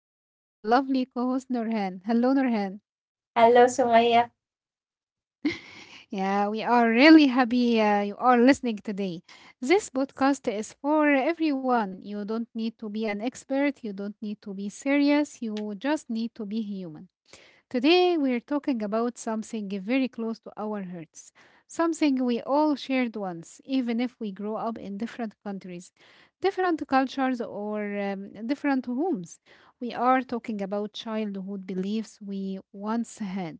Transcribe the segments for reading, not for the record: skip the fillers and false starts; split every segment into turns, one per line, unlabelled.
here with my lovely co host, Nurhan. Hello, Nurhan.
Hello, Sumaya.
Yeah, we are really happy you are listening today. This podcast is for everyone. You don't need to be an expert, you don't need to be serious, you just need to be human. Today, we're talking about something very close to our hearts, something we all shared once, even if we grew up in different countries, different cultures, or different homes. We are talking about childhood beliefs we once had.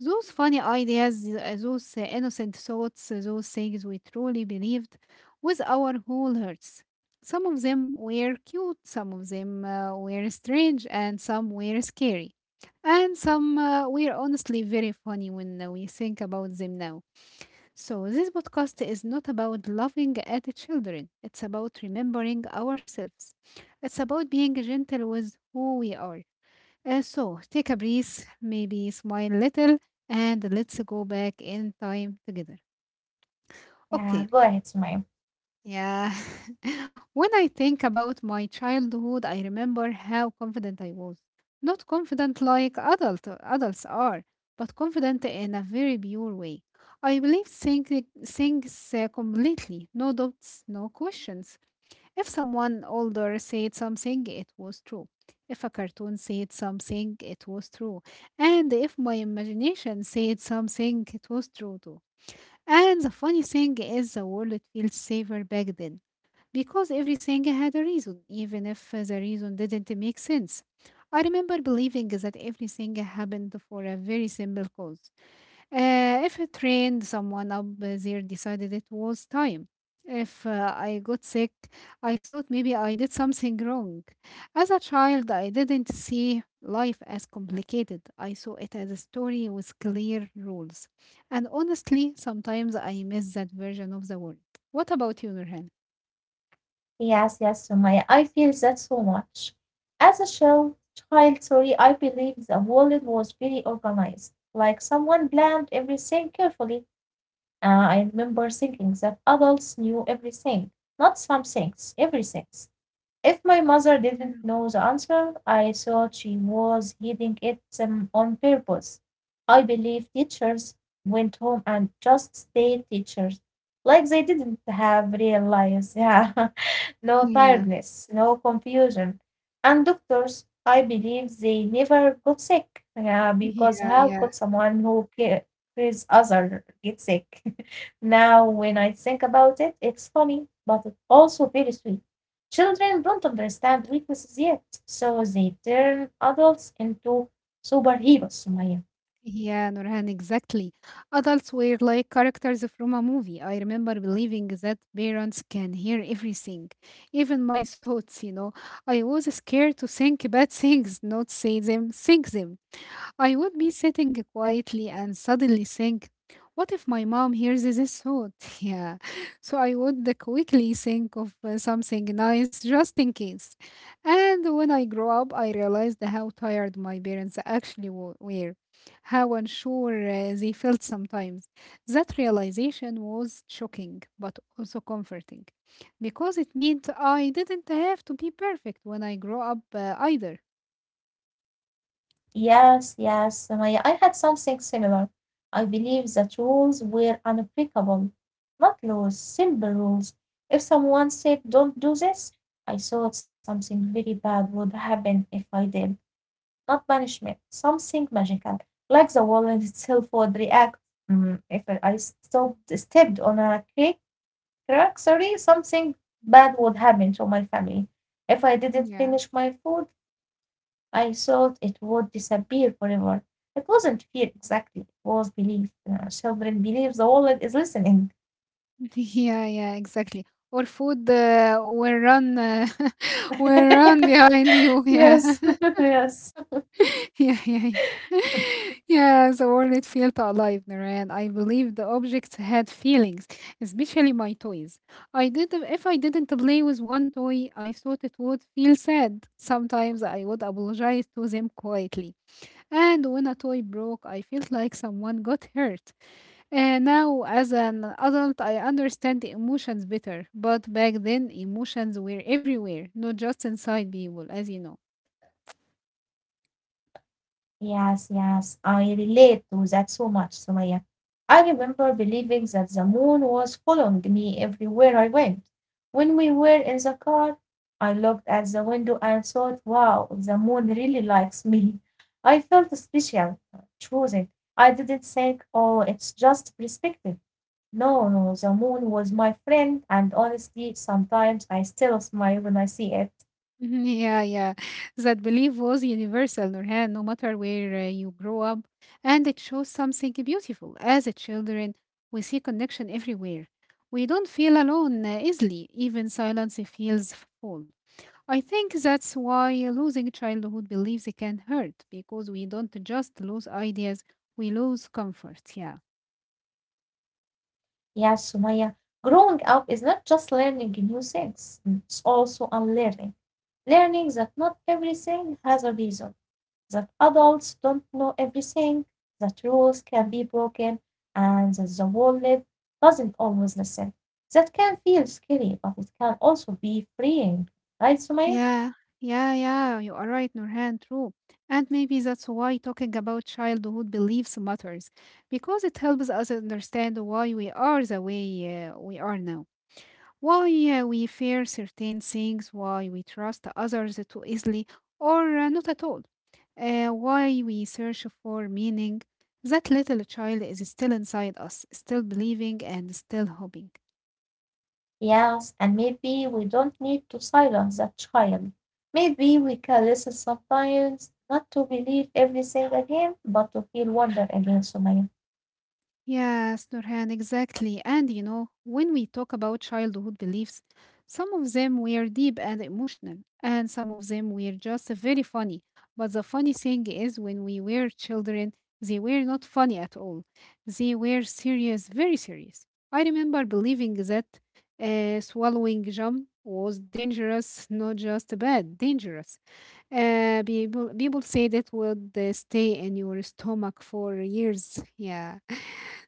Those funny ideas, those innocent thoughts, those things we truly believed with our whole hearts. Some of them were cute, some of them were strange, and some were scary. And some we're honestly very funny when we think about them now. So, this podcast is not about loving at the children, it's about remembering ourselves. It's about being gentle with who we are. So, take a breath, maybe smile a little, and let's go back in time together.
Yeah, go
Okay.
ahead, Sumaya.
Yeah. When I think about my childhood, I remember how confident I was. Not confident like adults are, but confident in a very pure way. I believed think, things completely, no doubts, no questions. If someone older said something, it was true. If a cartoon said something, it was true. And if my imagination said something, it was true too. And the funny thing is, the world feels safer back then because everything had a reason, even if the reason didn't make sense. I remember believing that everything happened for a very simple cause. If it trained someone up there decided it was time. If I got sick, I thought maybe I did something wrong. As a child, I didn't see life as complicated. I saw it as a story with clear rules. And honestly, sometimes I miss that version of the world. What about you, Nurhan?
Yes, yes, Sumaya. I feel that so much. As a child, I believe the world was very organized, like someone planned everything carefully. I remember thinking that adults knew everything, not some things, everything. If my mother
Yeah.
didn't know the answer, I thought she was hiding it on purpose. I believe teachers went home and just stayed teachers, like they didn't have real lives. Yeah, no
Yeah.
tiredness, no confusion. And doctors, I believe they never got sick. Yeah, because how
Yeah,
could
yeah.
someone who cares other get sick? Now, when I think about it, it's funny, but it's also very sweet. Children don't understand weaknesses yet, so they turn adults into superheroes, Sumaya.
Yeah, Nurhan, exactly. Adults were like characters from a movie. I remember believing that parents can hear everything, even my thoughts. I was scared to think bad things, not say them, think them. I would be sitting quietly and suddenly think, what if my mom hears this thought? Yeah. So I would quickly think of something nice just in case. And when I grew up, I realized how tired my parents actually were, how unsure they felt sometimes. That realization was shocking, but also comforting, because it meant I didn't have to be perfect when I grow up either.
Yes, yes, Maya. I had something similar. I believe that rules were unbreakable, not laws, simple rules. If someone said, don't do this, I thought something very bad would happen if I did. Not punishment, something magical, like the wall itself would react. If I stepped on a crack, something bad would happen to my family. If I didn't
Yeah.
finish my food, I thought it would disappear forever. It wasn't fear exactly, it was belief. Children believe the world is listening.
Yeah, yeah, exactly. Or food will run, will run behind you. Yeah.
Yes. Yes.
Yeah, yeah, yeah. Yeah, the world felt alive, Naren. I believe the objects had feelings, especially my toys. I did if I didn't play with one toy, I thought it would feel sad. Sometimes I would apologize to them quietly. And when a toy broke, I felt like someone got hurt. And now as an adult, I understand the emotions better. But back then, emotions were everywhere, not just inside people, as you know.
Yes, yes, I relate to that so much, Sumaya. I remember believing that the moon was following me everywhere I went. When we were in the car, I looked at the window and thought, wow, the moon really likes me. I felt special, chosen. I didn't think, oh, it's just perspective. No, no, the moon was my friend, and honestly, sometimes I still smile when I see it.
Mhm. Yeah, yeah. That belief was universal, Nurhan, no matter where you grow up. And it shows something beautiful. As a children, we see connection everywhere. We don't feel alone easily. Even silence feels full. I think that's why losing childhood beliefs can hurt, because we don't just lose ideas, we lose comfort. Yeah.
Yeah, Sumaya, growing up is not just learning new things. Mm. It's also unlearning. Learning that not everything has a reason, that adults don't know everything, that rules can be broken, and that the world doesn't always listen. That can feel scary, but it can also be freeing, right, Sumaya?
Yeah, yeah, yeah, you are right, Nurhan, true. And maybe that's why talking about childhood beliefs matters, because it helps us understand why we are the way we are now, why we fear certain things, why we trust others too easily or not at all, why we search for meaning. That little child is still inside us, still believing and still hoping.
Yes, and maybe we don't need to silence that child. Maybe we can listen sometimes, not to believe everything again, but to feel wonder again, Sumaya.
Yes, Nurhan, exactly. And you know, when we talk about childhood beliefs, some of them were deep and emotional, and some of them were just very funny. But the funny thing is, when we were children, they were not funny at all. They were serious, very serious. I remember believing that swallowing jam was dangerous, not just bad, dangerous. People say that would stay in your stomach for years. Yeah.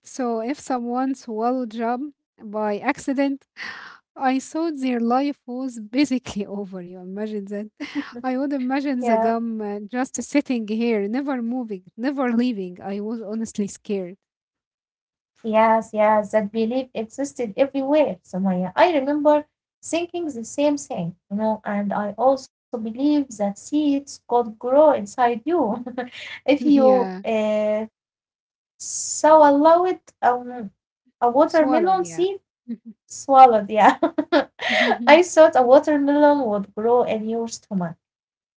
So if someone swallowed jam by accident, I thought their life was basically over. You imagine that? I would imagine the
Yeah.
gum just sitting here, never moving, never leaving. I was honestly scared.
Yes, yes, that belief existed everywhere, Sumaya. I remember thinking the same thing, and I also believe that seeds could grow inside you if you
Yeah.
sow allow it a watermelon
Swallowed.
seed
Yeah.
Swallowed, yeah. I thought a watermelon would grow in your stomach,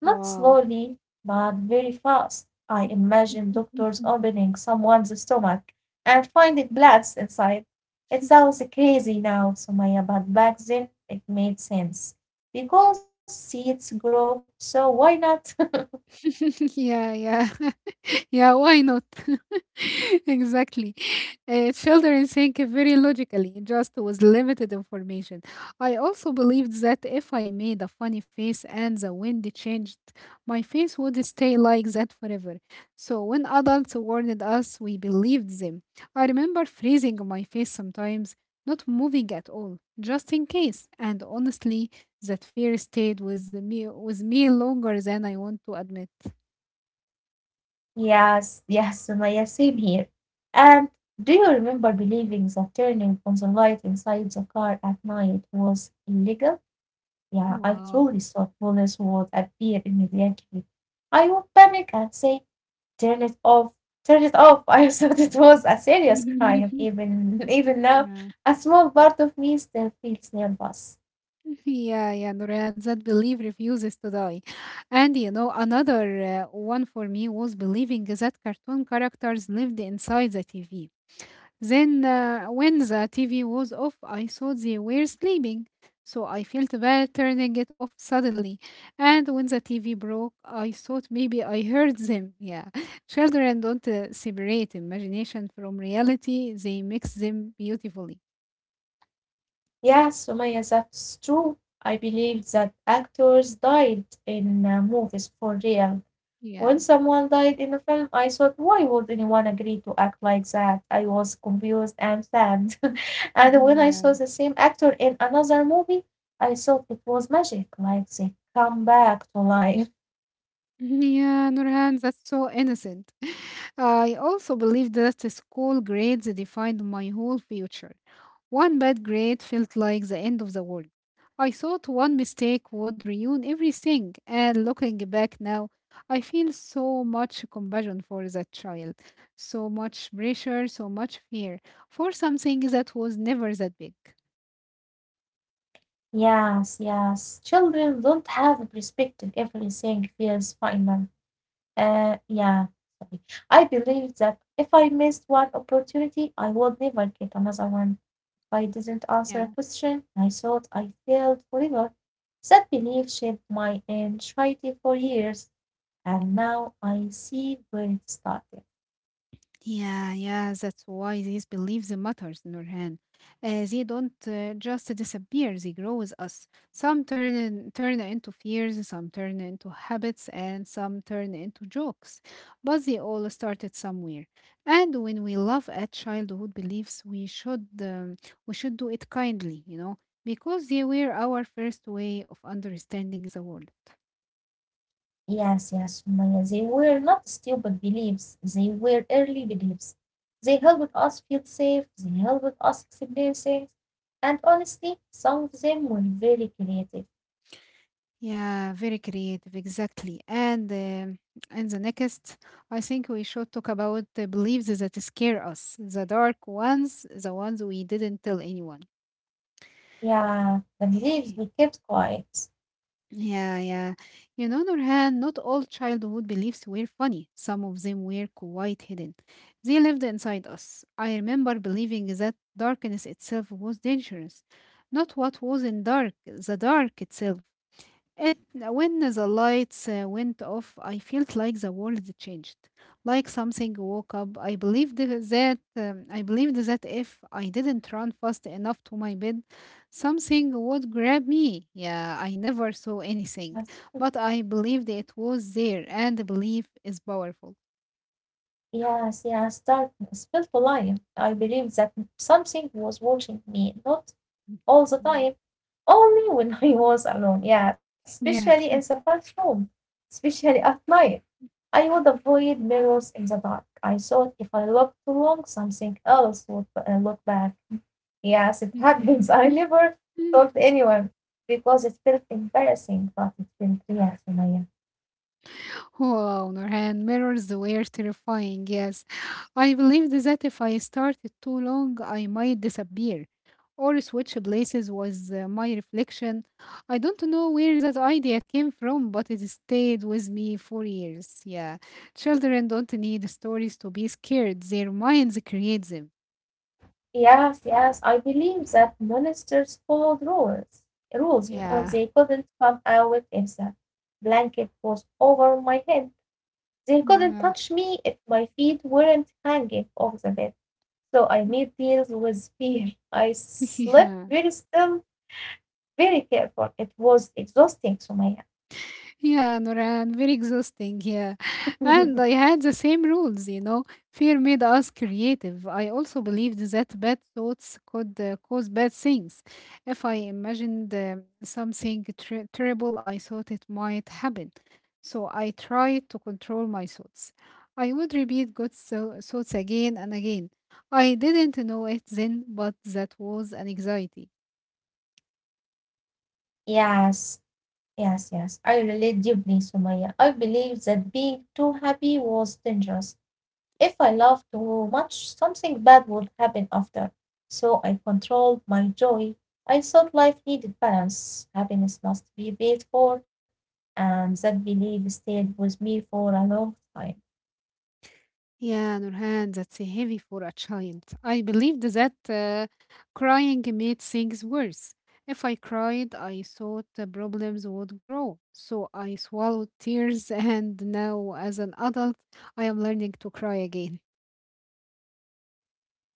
not slowly, but very fast. I imagined doctors opening someone's stomach and finding bloods inside. It sounds crazy now, Sumaya, but back then it made sense. Because seeds grow, so why not?
Yeah, yeah. Yeah, why not? Exactly. Children think very logically, just with limited information. I also believed that if I made a funny face and the wind changed, my face would stay like that forever. So when adults warned us, we believed them. I remember freezing my face sometimes, not moving at all, just in case. And honestly, that fear stayed with me longer than I want to admit.
Yes, yes, Sumaya, same here. And do you remember believing that turning on the light inside the car at night was illegal? Yeah, I
Wow.
truly thought police would appear immediately. I would panic and say, turn it off, turn it off. I thought it was a serious crime. Even even now,
Yeah.
a small part of me still feels nervous.
Yeah, yeah, Nurhan, that belief refuses to die. And you know, another one for me was believing that cartoon characters lived inside the TV. Then, when the TV was off, I thought they were sleeping. So I felt bad turning it off suddenly. And when the TV broke, I thought maybe I heard them. Yeah. Children don't separate imagination from reality, they mix them beautifully.
Yes, Sumaya, that's true. I believe that actors died in movies for real.
Yeah.
When someone died in a film, I thought, why would anyone agree to act like that? I was confused and sad. And when I saw
Mhm.
the same actor in another movie, I thought it was magic, like they come back to life.
Yeah, Nurhan, that's so innocent. I also believe that the school grades defined my whole future. One bad grade felt like the end of the world. I thought one mistake would ruin everything, and looking back now, I feel so much compassion for that child, so much pressure, so much fear for something that was never that big.
Yes, yes. Children don't have a perspective. Everything feels final. Yeah. Sorry. I believe that if I missed one opportunity, I would never get another one. If I didn't answer a
Yeah.
question, I thought I failed forever. That belief shaped my anxiety for years, and now I see where it started.
Yeah, yeah, that's why these beliefs matters, Nurhan. They don't just disappear; they grow with us. Some turn into fears, some turn into habits, and some turn into jokes. But they all started somewhere. And when we love at childhood beliefs, we should do it kindly, you know, because they were our first way of understanding the world.
Yes, yes, Sumaya. They were not stupid beliefs. They were early beliefs. They helped us feel safe. They helped us explain things. And honestly, some of them were very creative.
Yeah, very creative, exactly. And the next, I think we should talk about the beliefs that scare us, the dark ones, the ones we didn't tell anyone.
Yeah, the beliefs we kept quiet.
Yeah, yeah. You know, Nurhan, not all childhood beliefs were funny. Some of them were quite hidden. They lived inside us. I remember believing that darkness itself was dangerous. Not what was in dark, the dark itself. It, when the lights went off, I felt like the world changed, like something woke up. I believed that if I didn't run fast enough to my bed, something would grab me. Yeah, I never saw anything,
Yes.
but I believed it was there, and belief is powerful.
Yes, yes, darkness felt alive. I believed that something was watching me, not all the
Mm.
time, only when I was alone, yeah, especially in
Yeah.
the bathroom, especially at night. I would avoid mirrors in the dark. I thought if I looked too long, something else would look back. Yes, it happens. I never told anyone because it felt embarrassing, but it felt real, Sumaya.
Wow, Nurhan, mirrors were terrifying, yes. I believed that if I started too long, I might disappear or switch places with my reflection. I don't know where that idea came from, but it stayed with me for years. Yeah, children don't need stories to be scared, their minds create them.
Yes, yes, I believe that monsters followed rules. Rules,
Yeah,
they couldn't come out if the blanket was over my head. They couldn't
yeah,
touch me if my feet weren't hanging off the bed, so I made deals with fear. I slept
yeah.
very still, very careful. It was exhausting, Sumaya.
Yeah, Noran, very exhausting. Yeah. And I had the same rules, you know. Fear made us creative. I also believed that bad thoughts could cause bad things. If I imagined terrible, I thought it might happen. So I tried to control my thoughts. I would repeat thoughts again and again. I didn't know it then, but that was an anxiety.
Yes, yes, yes. I relate deeply, Sumaya. I believe that being too happy was dangerous. If I laughed too much something bad would happen after, so I controlled my joy. I thought life needed balance, happiness must be paid for, and that belief stayed with me for a long time.
Yeah, Nurhan, that's heavy for a child. I believed that crying made things worse. If I cried, I thought the problems would grow. So I swallowed tears, and now, as an adult, I am learning to cry again.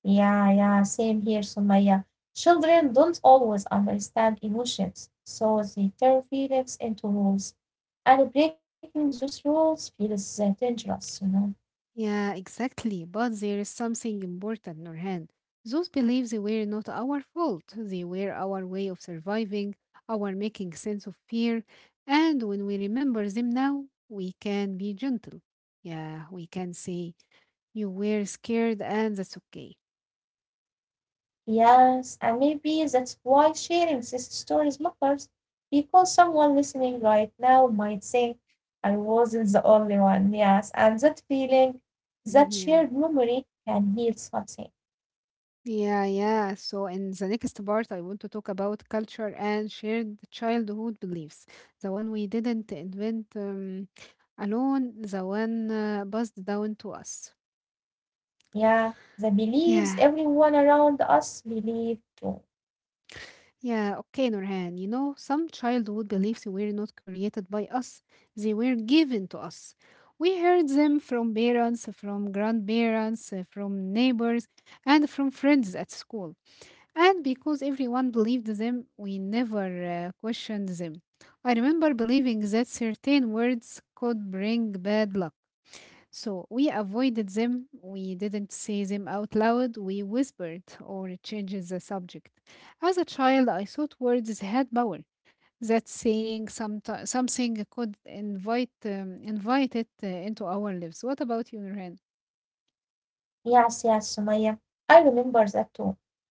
Yeah, yeah, same here, Sumaya. Children don't always understand emotions, so they turn feelings into rules, and breaking those rules feels dangerous.
Yeah, exactly. But there is something important, Nurhan. Those beliefs were not our fault. They were our way of surviving, our making sense of fear. And when we remember them now, we can be gentle. Yeah, we can say, you were scared, and that's okay.
Yes, and maybe that's why sharing these stories matters, because someone listening right now might say, I wasn't the only one. Yes, and that feeling, that shared memory can heal something.
Yeah, yeah. So in the next part, I want to talk about culture and shared childhood beliefs. The one we didn't invent alone, the one passed down to us.
Yeah, the beliefs
Yeah,
everyone around us believe too.
yeah. Okay, Nurhan. You know, some childhood beliefs were not created by us; they were given to us. We heard them from parents, from grandparents, from neighbors, and from friends at school. And because everyone believed them, we never questioned them. I remember believing that certain words could bring bad luck. So we avoided them, we didn't say them out loud, we whispered or changed the subject. As a child, I thought words had power. That saying something could invite invite it into our lives. What about you, Nurhan?
Yes, yes, Sumaya. I remember that too.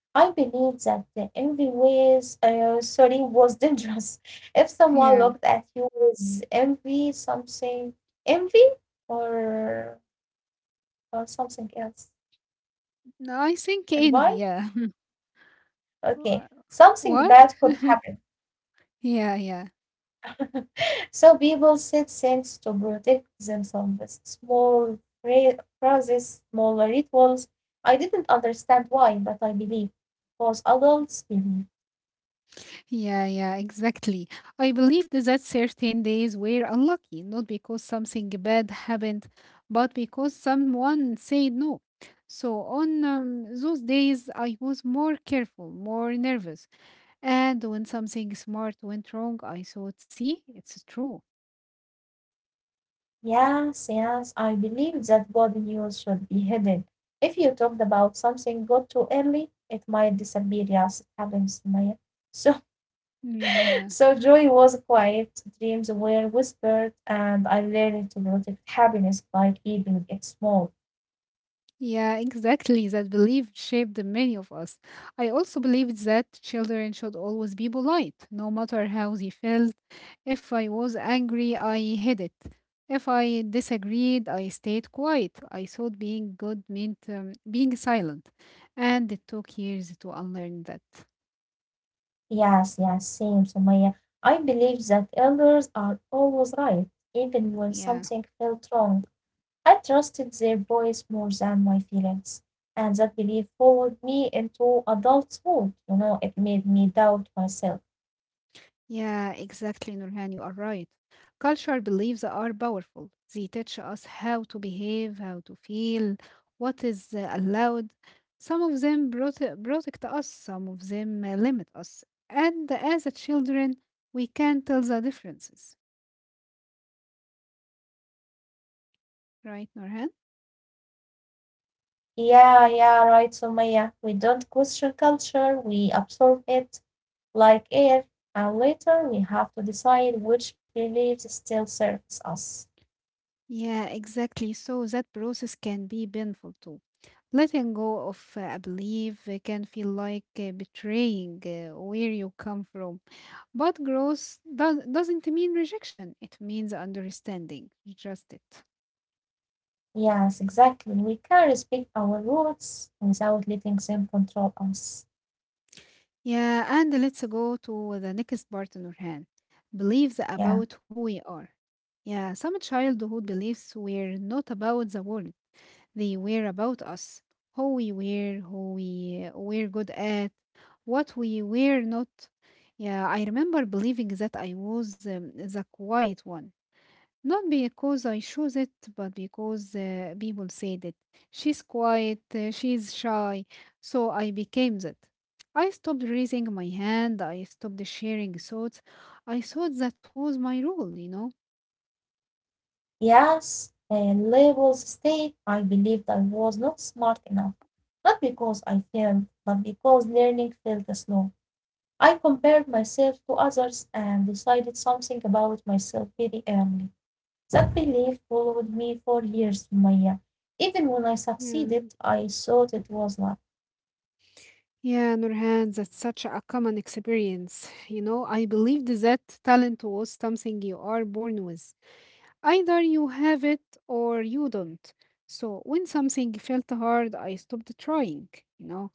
I believe that the envy's sorry was dangerous. If someone
Yeah,
looked at you with envy, something envy or or something else,
no, I
and
think
why?
envy. Yeah,
Okay,
Wha-
something
what?
bad could happen.
Yeah, yeah.
So people said things to protect themselves. Small phrases, small rituals. I didn't understand why, but I believe because adults believe.
Yeah, yeah, exactly. I believed that certain days were unlucky, not because something bad happened, but because someone said no. So on those days, I was more careful, more nervous. And when something smart went wrong, I thought, see, it's true.
Yes, yes, I believe that good news should be hidden. If you talked about something good too early, it might disappear. Yes, it happens, Maya. So,
Yeah.
so joy was quiet, dreams were whispered, and I learned to protect happiness by keeping it small.
Yeah, exactly. That belief shaped many of us. I also believed that children should always be polite, no matter how they felt. If I was angry, I hid it. If I disagreed, I stayed quiet. I thought being good meant being silent. And it took years to unlearn that.
Yes, yes, same, Sumaya. I believe that elders are always right, even when
Yeah.
something felt wrong. I trusted their voice more than my feelings, and that belief followed me into adulthood. You know, it made me doubt myself.
Yeah, exactly, Nurhan. You are right. Cultural beliefs are powerful. They teach us how to behave, how to feel, what is allowed. Some of them protect us, some of them limit us. And as a children, we can tell the differences, right, Nurhan?
Yeah, yeah, right, Sumaya. We don't question culture, we absorb it like air, and later we have to decide which beliefs still serves us.
Yeah, exactly. So that process can be painful too. Letting go of a belief can feel like betraying where you come from. But growth doesn't mean rejection, it means understanding. Just it.
Yes, exactly. We can respect our roots without letting them control us.
Yeah, and let's go to the next part, Nurhan. Beliefs
Yeah.
about who we are. Yeah, some childhood beliefs were not about the world, they were about us, who we were good at, what we were not. Yeah, I remember believing that I was the quiet one. Not because I chose it, but because people said it. She's quiet, she's shy, so I became that. I stopped raising my hand, I stopped sharing thoughts. I thought that was my role.
Yes, labels stay. I believed I was not smart enough, not because I failed, but because learning felt slow. I compared myself to others and decided something about myself very early. That belief followed me for years, Maya. Even when I succeeded,
Yeah.
I thought it was luck.
Yeah, Nurhan, that's such a common experience. I believed that talent was something you are born with. Either you have it or you don't. So when something felt hard, I stopped trying, you know.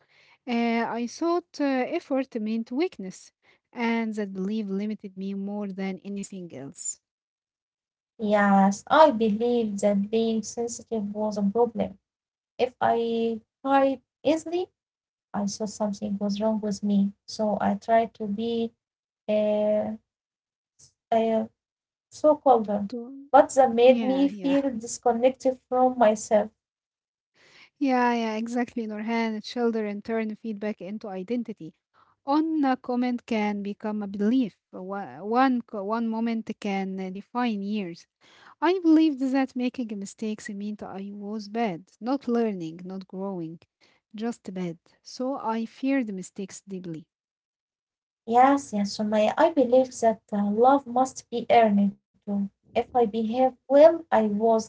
I thought effort meant weakness, and that belief limited me more than anything else.
Yes, I believed that being sensitive was a problem. If I cried easily, I saw something was wrong with me, so I tried to be uh, uh, so colder,
To-
but that made
yeah,
me
yeah.
feel disconnected from myself.
Yeah, yeah, exactly, Nurhan. Children turn feedback into identity. On a comment can become a belief. One one moment can define years. I believed that making mistakes meant I was bad, not learning, not growing, just bad. So I feared mistakes deeply.
Yes, yes, Sumaya, I believe that love must be earned too. If I behaved well, I was loved.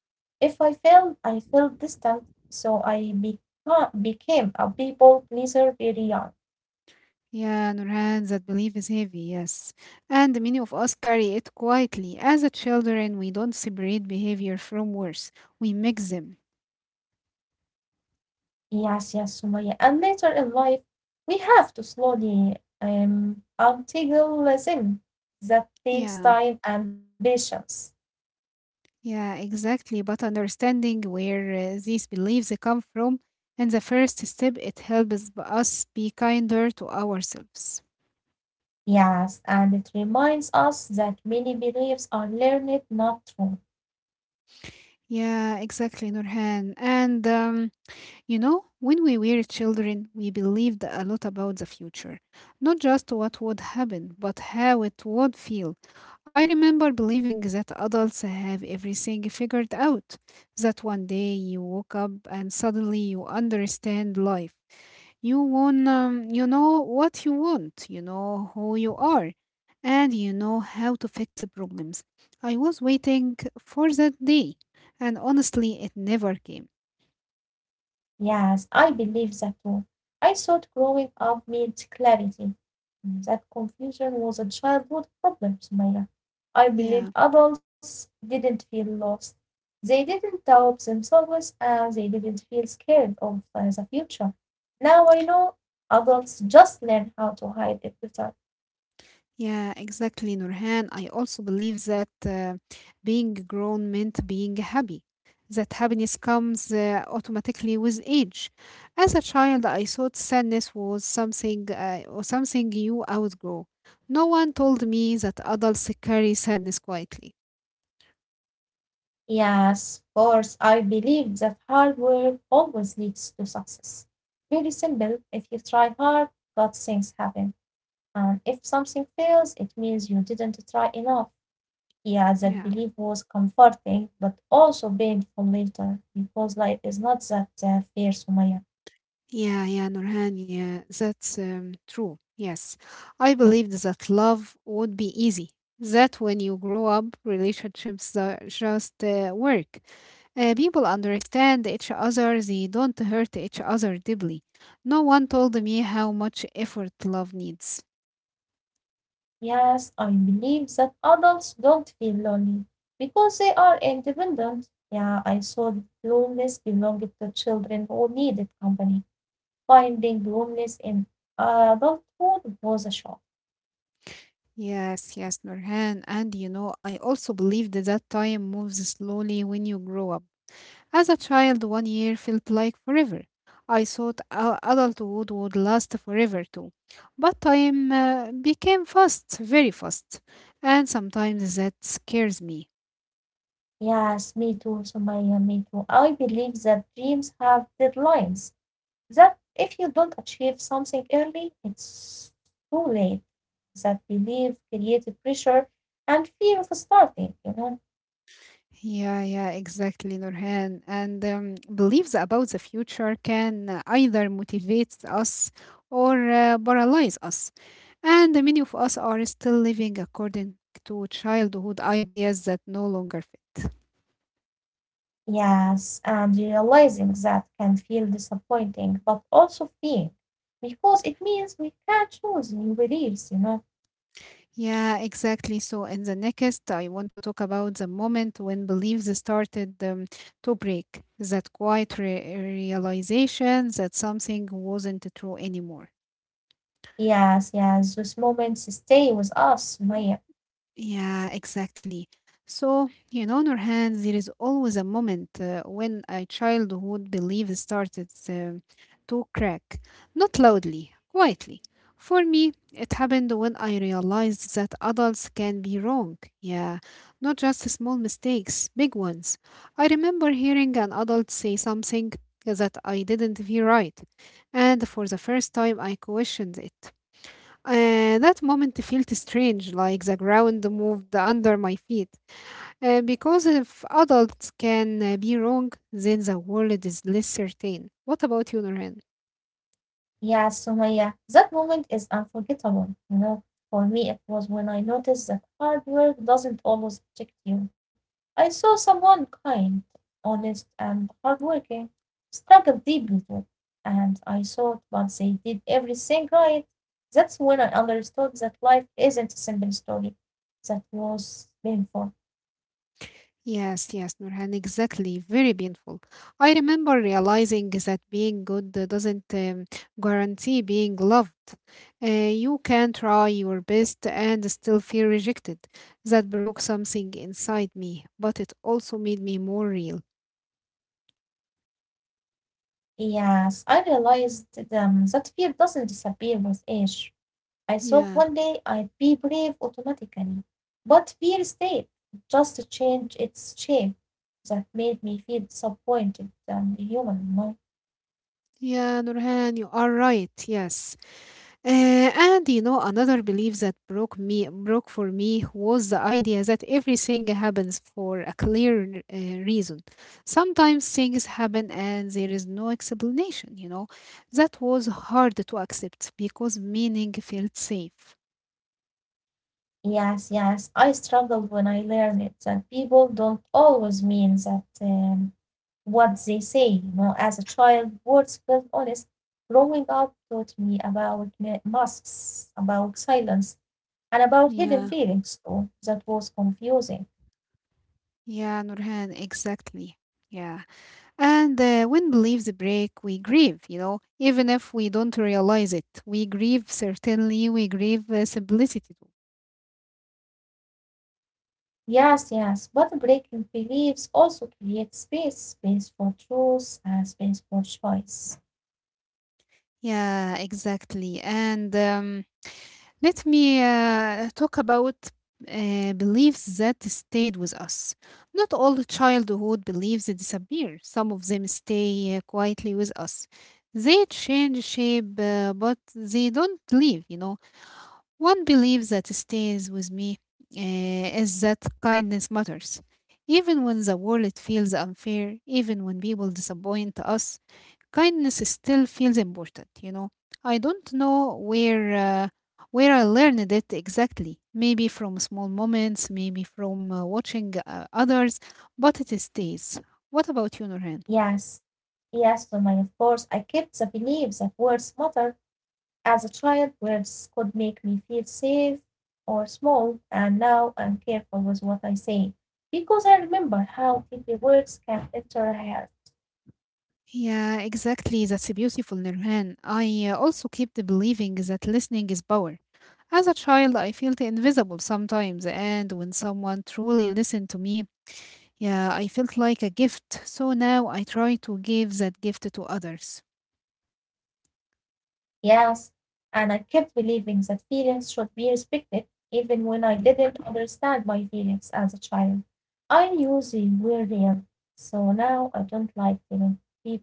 If I failed, I felt distant, so I became a people pleaser very young.
Yeah, Nurhan, that belief is heavy, yes. And many of us carry it quietly. As a children, we don't separate behavior from words. We mix them.
Yes, yes, Sumaya. And later in life, we have to slowly untangle them. That takes
Yeah.
time and patience.
Yeah, exactly. But understanding where these beliefs come from and the first step, it helps us be kinder to ourselves.
Yes, and it reminds us that many beliefs are learned, not true.
Yeah, exactly, Nurhan. And when we were children, we believed a lot about the future, not just what would happen, but how it would feel. I remember believing that adults have everything figured out, that one day you woke up and suddenly you understand life. You know what you want, you know who you are, and you know how to fix problems. I was waiting for that day, and honestly, it never came.
Yes, I believe that too. I thought growing up meant clarity. That confusion was a childhood problem, Sumaya. I believe
Yeah.
adults didn't feel lost. They didn't doubt themselves and they didn't feel scared of the future. Now I know adults just learn how to hide it better.
Yeah, exactly, Nurhan. I also believe that being grown meant being happy, that happiness comes automatically with age. As a child, I thought sadness was something or something you outgrow. No one told me that adults carry sadness quietly.
Yes, of course, I believe that hard work always leads to success. Very simple. If you try hard, good things happen. And if something fails, it means you didn't try enough. Yeah, that
Yeah,
belief was comforting, but also painful later because life is not that fair, Sumaya.
yeah, yeah, Nurhan. Yeah, that's true. Yes, I believed that love would be easy. That when you grow up, relationships just work. People understand each other, they don't hurt each other deeply. No one told me how much effort love needs.
Yes, I believe that adults don't feel lonely because they are independent. Yeah, I thought loneliness belonged to children who needed company. Finding loneliness in adulthood was a shock.
Yes, yes, Nurhan. And I also believed that time moves slowly when you grow up. As a child, one year felt like forever. I thought adulthood would last forever too. But time became fast, very fast. And sometimes that scares me.
Yes, me too, Sumaya, me too. I believe that dreams have deadlines. That if you don't achieve something early, it's too late. That belief created pressure and fear of starting.
Yeah, yeah, exactly, Nurhan. And beliefs about the future can either motivate us or paralyze us. And many of us are still living according to childhood ideas that no longer fit.
Yes, and realizing that can feel disappointing, but also freeing because it means we can choose new beliefs.
Yeah, exactly. So, in the next, I want to talk about the moment when beliefs started to break, that quiet realization that something wasn't true anymore.
Yes, yes, those moments stay with us, Maya.
Yeah, exactly. So, Nurhan, there is always a moment when a childhood belief started to crack, not loudly, quietly. For me, it happened when I realized that adults can be wrong. Yeah, not just small mistakes, big ones. I remember hearing an adult say something that I didn't feel right, and for the first time I questioned it. That moment felt strange, like the ground moved under my feet. Because if adults can be wrong, then the world is less certain. What about you, Nurhan?
Yeah, Sumaya, that moment is unforgettable. For me, it was when I noticed that hard work doesn't always protect you. I saw someone kind, honest, and hardworking struggle deeply too, and I thought, but they did everything right. That's when I understood that life isn't a simple story. That was painful.
Yes, yes, Nurhan, exactly. Very painful. I remember realizing that being good doesn't guarantee being loved. You can try your best and still feel rejected. That broke something inside me, but it also made me more real.
Yes, I realized that fear doesn't disappear with age. I thought one
Yeah,
day I'd be brave automatically, but fear stayed, just changed its shape. That made me feel disappointed and human. My
yeah, Nurhan, you are right. Yes. And another belief that broke for me was the idea that everything happens for a clear reason. Sometimes things happen and there is no explanation. That was hard to accept because meaning felt safe.
Yes, yes, I struggled when I learned it, that people don't always mean that what they say. You know, as a child, words felt honest. Growing up taught me about masks, about silence, and about hidden
Yeah,
feelings too. That was confusing.
yeah, Nurhan, exactly. Yeah, and when beliefs break, we grieve. Even if we don't realize it, we grieve. Certainly, we grieve simplicity.
Yes, yes, but breaking beliefs also creates space, space for truth and space for choice.
Yeah, exactly. And let me talk about beliefs that stayed with us. Not all childhood beliefs disappear, some of them stay quietly with us. They change shape, but they don't leave. One belief that stays with me is that kindness matters. Even when the world feels unfair, even when people disappoint us, kindness still feels important. I don't know where I learned it exactly. Maybe from small moments, maybe from watching others, but it stays. What about you, Nurhan?
Yes, yes, to my of course, I kept the belief that words matter. As a child, words could make me feel safe or small, and now I'm careful with what I say because I remember how deeply words can enter a heart.
Yeah, exactly. That's a beautiful, Nirhan. I also kept believing that listening is power. As a child, I felt invisible sometimes, and when someone truly listened to me, yeah, I felt like a gift. So now I try to give that gift to others.
Yes, and I kept believing that feelings should be respected, even when I didn't understand my feelings as a child. I knew they were real, so now I don't like telling people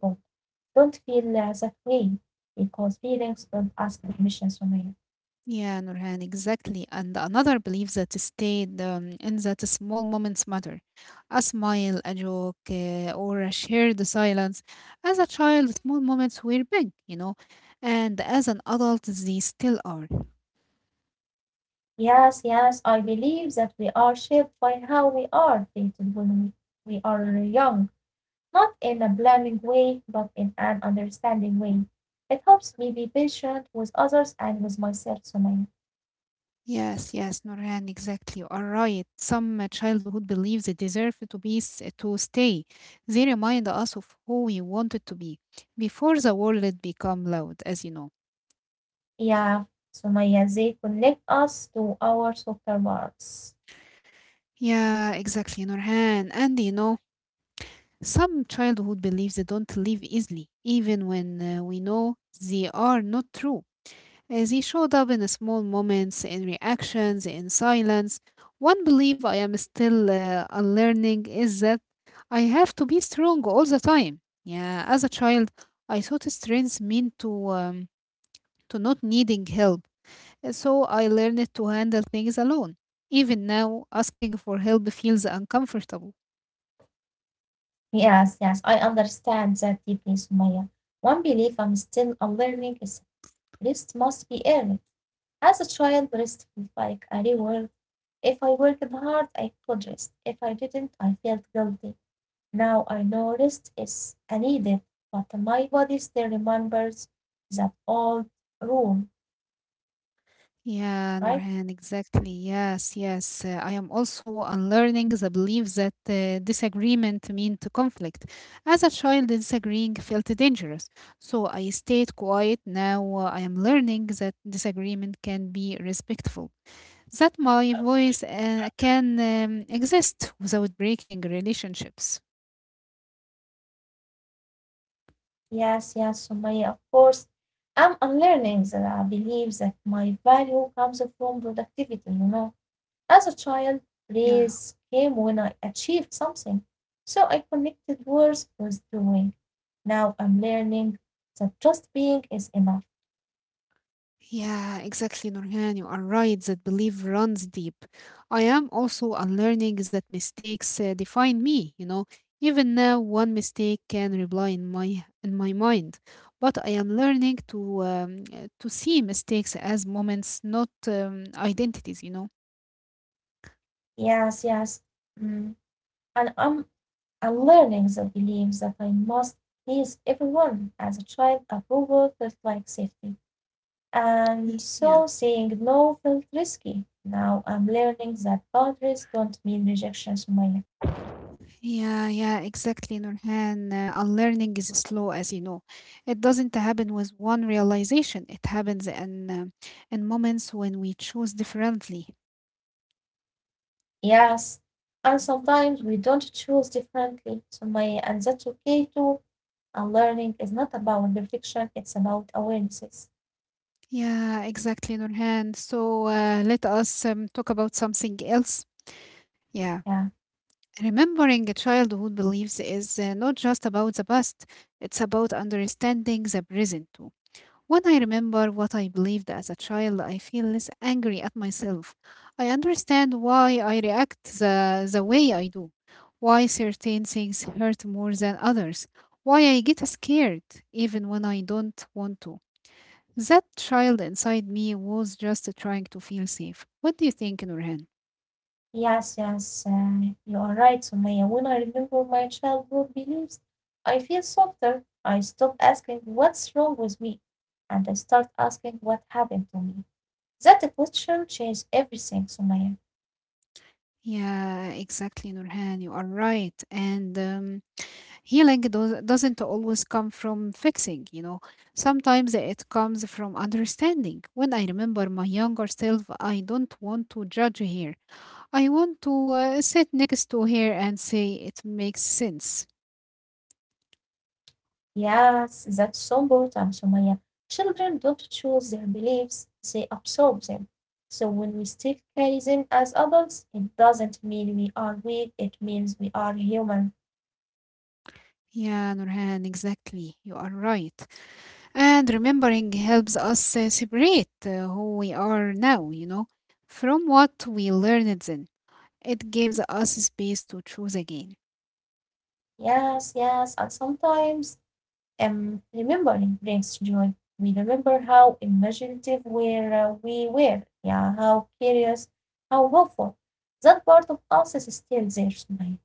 don't feel that way because feelings don't ask permission from you.
Yeah, Nurhan, exactly. And another belief that stayed in that small moments matter. A smile, a joke, or a shared silence. As a child, small moments were big, and as an adult, they still are.
Yes, yes, I believe that we are shaped by how we are treated when we are young. Not in a blaming way, but in an understanding way. It helps me be patient with others and with myself, Sumaya.
Yes, yes, Nurhan, exactly. You are right. Some childhood beliefs deserve to be to stay. They remind us of who we wanted to be before the world become loud, as you know.
Yeah, Sumaya, they connect us to our softer parts.
Yeah, exactly, Nurhan. And Some childhood beliefs don't leave easily, even when we know they are not true. They showed up in small moments, in reactions, in silence. One belief I am still unlearning is that I have to be strong all the time. Yeah, as a child, I thought strength meant to not needing help, so I learned to handle things alone. Even now, asking for help feels uncomfortable.
Yes, yes, I understand that deeply, Sumaya. One belief I'm still a learning is rest must be earned. As a child, rest felt like a reward. If I worked hard, I apologized. If I didn't, I felt guilty. Now I know rest is needed, but my body still remembers that old rule,
Yeah,
right?
Nurhan, exactly. Yes, yes. I am also unlearning the belief that disagreement meant conflict. As a child, disagreeing felt dangerous. So I stayed quiet. Now I am learning that disagreement can be respectful. That my voice can exist without breaking relationships.
Yes, yes, Sumaya, of course. I'm unlearning that I believe that my value comes from productivity, you know. As a child,
Yeah.
praise came when I achieved something, so I connected worth with doing. Now I'm learning that just being is enough.
Yeah, exactly, Nurhan. You are right that belief runs deep. I am also unlearning that mistakes define me. Even now, one mistake can replay in my mind, but I am learning to see mistakes as moments, not identities.
Yes, yes. Mm. And I'm learning the belief that I must please everyone. As a child, approval felt like safety. And
Yeah.
so saying no felt risky. Now I'm learning that boundaries don't mean rejection, Sumaya.
Yeah, yeah, exactly, Nurhan. Unlearning is slow, as you know. It doesn't happen with one realization. It happens in moments when we choose differently.
Yes. And sometimes we don't choose differently, Sumaya, and that's okay too. And learning is not about perfection, it's about awarenesses.
Yeah, exactly, Nurhan. So let us talk about something else. Yeah,
Yeah.
remembering a childhood beliefs is not just about the past. It's about understanding the present. When I remember what I believed as a child, I feel less angry at myself. I understand why I react the way I do, why certain things hurt more than others, why I get scared even when I don't want to. That child inside me was just trying to feel safe. What do you think, Nurhan?
Yes, yes, you are right, Sumaya. When I remember my childhood beliefs, I feel softer. I stop asking what's wrong with me and I start asking what happened to me. That question changed everything, Sumaya.
Yeah, exactly, Nurhan. You are right. And healing doesn't always come from fixing. Sometimes it comes from understanding. When I remember my younger self, I don't want to judge her. I want to sit next to her and say it makes sense.
Yes, that's so important, Sumaya. Children don't choose their beliefs, they absorb them. So when we still carry them as adults, it doesn't mean we are weak, it means we are human.
Yeah, Nurhan, exactly. You are right. And remembering helps us separate who we are now, from what we learned then. It gives us space to choose again.
Yes, yes, and sometimes remembering brings joy. We remember how imaginative were, we were, yeah, how curious, how hopeful. That part of us is still there tonight.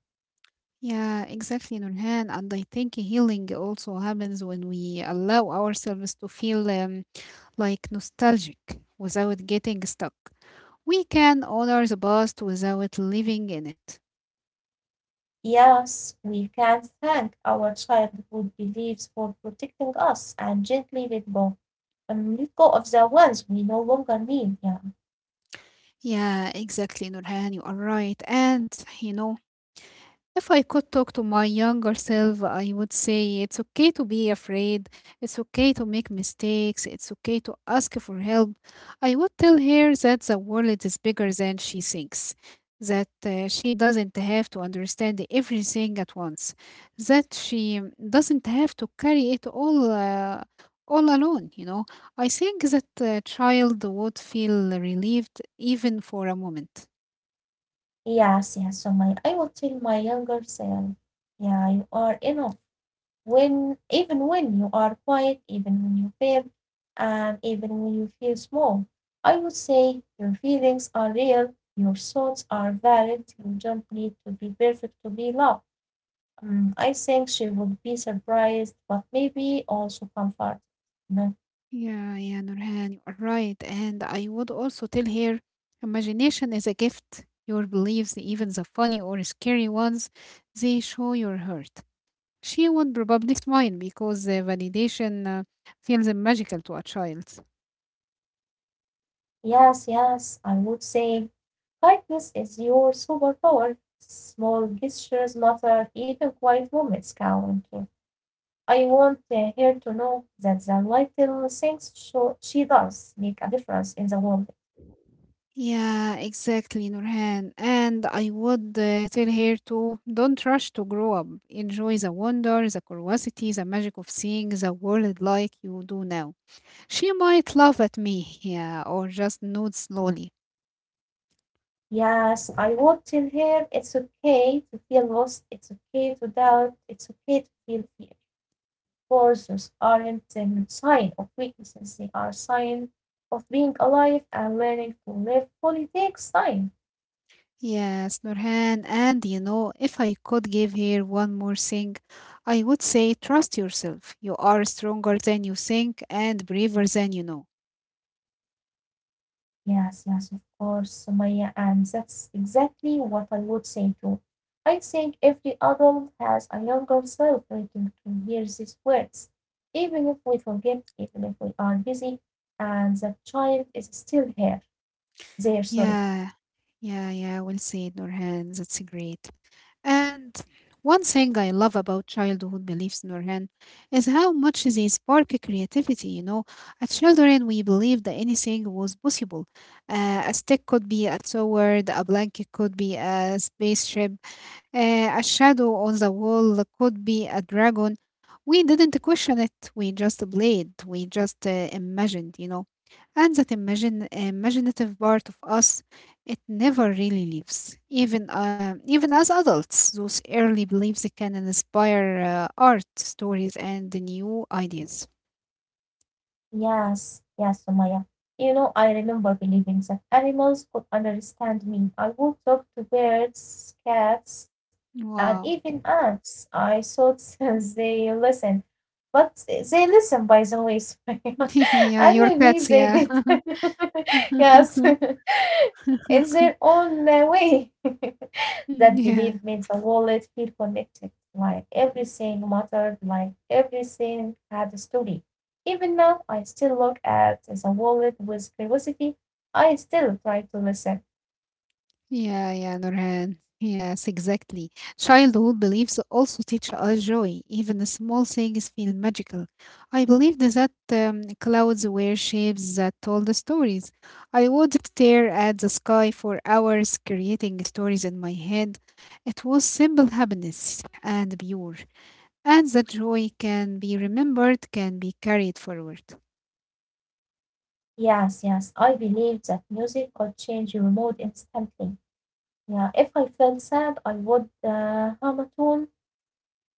Yeah, exactly, Nurhan. And I think healing also happens when we allow ourselves to feel like nostalgic without getting stuck. We can honor the past without living in it.
Yes, we can thank our childhood beliefs for protecting us and gently let go. Let go of the ones we no longer need. Yeah.
Yeah, exactly, Nurhan. You are right. And you know, if I could talk to my younger self, I would say it's okay to be afraid. It's okay to make mistakes. It's okay to ask for help. I would tell her that the world is bigger than she thinks, that she doesn't have to understand everything at once, that she doesn't have to carry it all alone, I think that a child would feel relieved even for a moment.
Yes, yes. So my I will tell my younger self, yeah, you are enough. When even when you are quiet, even when you fail, and even when you feel small. I would say your feelings are real, your thoughts are valid, you don't need to be perfect to be loved. Mm, I think she would be surprised, but maybe also comforted, you know.
Yeah, Nurhan, you are right. And I would also tell her imagination is a gift. Your beliefs, even the funny or scary ones, they show your heart. She would probably smile because validation feels magical to a child.
Yes, yes, I would say kindness is your superpower. Small gestures matter, even quiet moments count. I want her to know that the little things she does make a difference in the world.
Yeah, exactly, Nurhan. And I would tell her to don't rush to grow up. Enjoy the wonder, the curiosity, the magic of seeing the world like you do now. She might laugh at me, yeah, or just nod slowly.
Yes, I would tell her it's okay to feel lost, it's okay to doubt, it's okay to feel fear. For those aren't a sign of weakness, they are sign of being alive and learning to live fully takes time.
Yes, Nurhan, and you know, if I could give here one more thing, I would say trust yourself. You are stronger than you think and braver than you know.
Yes, yes, of course, Sumaya, and that's exactly what I would say too. I think every adult has a younger self waiting to hear these words, even if we forget, even if we are busy, and that child is still here, there, sorry.
Yeah, yeah, we'll see it, Nurhan. That's great. And one thing I love about childhood beliefs, Nurhan, is how much they spark creativity. You know, as children, we believed that anything was possible. A stick could be a sword, a blanket could be a spaceship. A shadow on the wall could be a dragon. We didn't question it. We just played. We just imagined, you know. And that imaginative part of us, it never really leaves. Even as adults, those early beliefs can inspire art, stories, and new ideas.
Yes, yes, Sumaya. You know, I remember believing that animals could understand me. I would talk to birds, cats, and
Wow.
even ants. I thought they listen, but they listen, by the way, Sumaya.
Yeah, your
And maybe
cats.
they
Yeah.
did. Yes, in their own way. That
Yeah.
belief means a wallet feel connected, like everything mattered, like everything had a story. Even now, I still look at the wallet with curiosity. I still try to listen.
Yeah, Nurhan. Yes, exactly. Childhood beliefs also teach us joy. Even the small things feel magical. I believed that clouds were shapes that told the stories. I would stare at the sky for hours, creating stories in my head. It was simple happiness and pure. And that joy can be remembered, can be carried forward.
Yes, yes, I believe that music could change your mood instantly. Yeah, if I felt sad, I would hum a tune.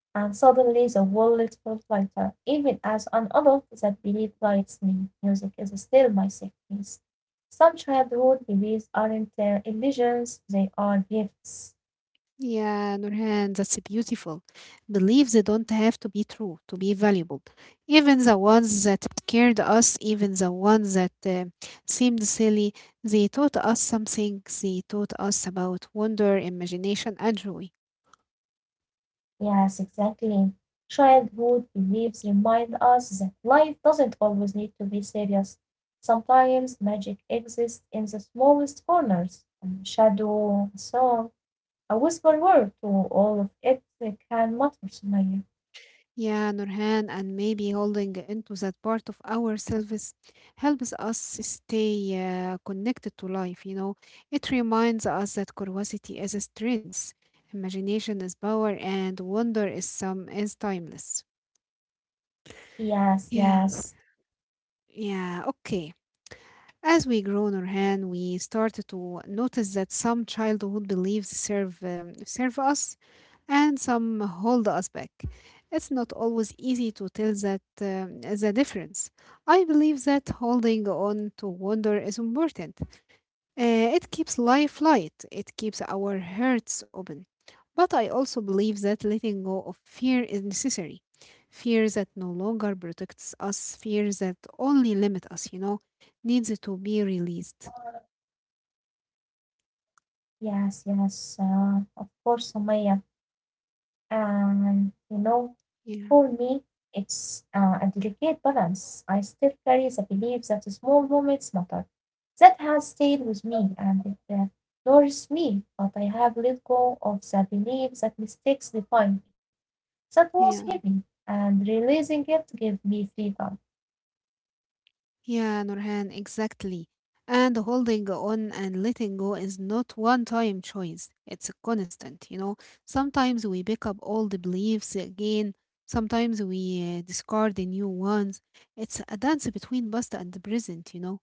And suddenly the wallet felt lighter, even as an adult that belief guides me. Music is still my safe place. Some childhood beliefs aren't illusions, they are gifts.
Yeah, Nurhan, that's beautiful. Beliefs don't have to be true to be valuable. Even the ones that scared us, even the ones that seemed silly, they taught us something. They taught us about wonder, imagination, and joy.
Yes, exactly. Childhood beliefs remind us that life doesn't always need to be serious. Sometimes magic exists in the smallest corners. A shadow, a song, a whispered word to all of it can matter to me.
Yeah, Nurhan, and maybe holding into that part of ourselves helps us stay connected to life. You know, it reminds us that curiosity is a strength, imagination is power, and wonder is timeless.
Yes,
Yeah,
yes.
yeah, okay. As we grow, Nurhan, we start to notice that some childhood beliefs serve us and some hold us back. It's not always easy to tell that the difference. I believe that holding on to wonder is important. It keeps life light, it keeps our hearts open. But I also believe that letting go of fear is necessary. Fear that no longer protects us, fear that only limits us, you know, needs to be released.
Yes, yes, of course, Sumaya. And you know, for
Yeah,
me, it's a delicate balance. I still carry the belief that the small moments matter. That has stayed with me and it nourishes me, but I have let go of the belief that mistakes define me. That was
yeah.
heavy, and releasing it gave me freedom.
Yeah, Nurhan, exactly. And holding on and letting go is not one time choice. It's a constant, you know. Sometimes we pick up old beliefs again, sometimes we discard the new ones. It's a dance between past and the present, you know.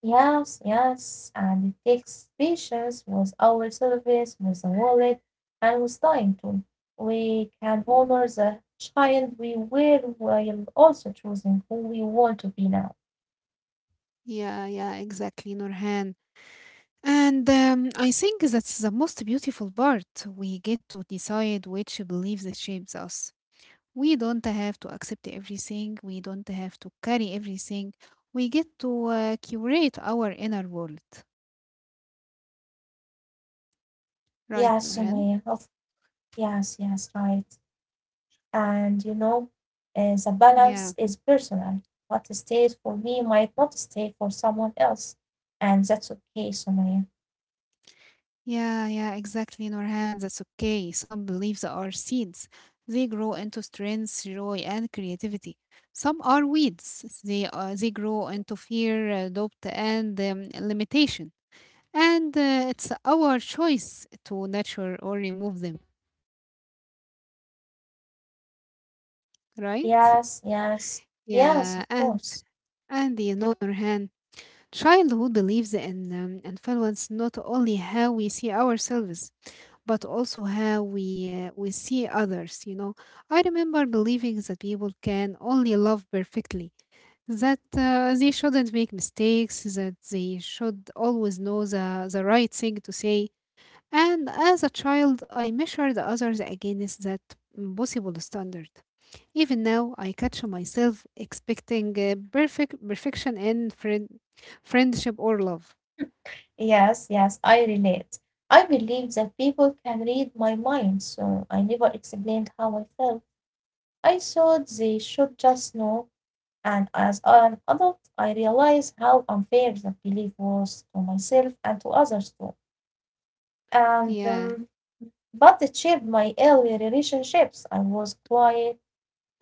Yes, yes, and it takes patience with our service, with the wallet, and with time too. We can honor the child we were while also choosing who we want to be now.
Yeah, exactly, Nurhan. And I think that's the most beautiful part. We get to decide which beliefs shapes us. We don't have to accept everything, we don't have to carry everything, we get to curate our inner world, right,
Yes,
Nurhan?
Sumaya, of yes, yes, right. And you know, the
yeah
balance is personal. What stays for me might not stay for someone else, and that's okay, Sumaya.
yeah yeah exactly, Nurhan, that's okay. Some beliefs are seeds, they grow into strength, joy, and creativity. Some are weeds, they grow into fear, doubt, and limitation. And it's our choice to nurture or remove them, right?
Yes, yes, yes,
yeah
of
and
course.
and you know, Nurhan, childhood believes in influence not only how we see ourselves, but also how we see others. You know, I remember believing that people can only love perfectly, that they shouldn't make mistakes, that they should always know the right thing to say. And as a child, I measured others against that impossible standard. Even now, I catch myself expecting perfection in friendship or love.
Yes, yes, I relate. I believe that people can read my mind, so I never explained how I felt. I thought they should just know, and as an adult, I realized how unfair that belief was to myself and to others too. And
Yeah.
but it shaped my early relationships. I was quiet,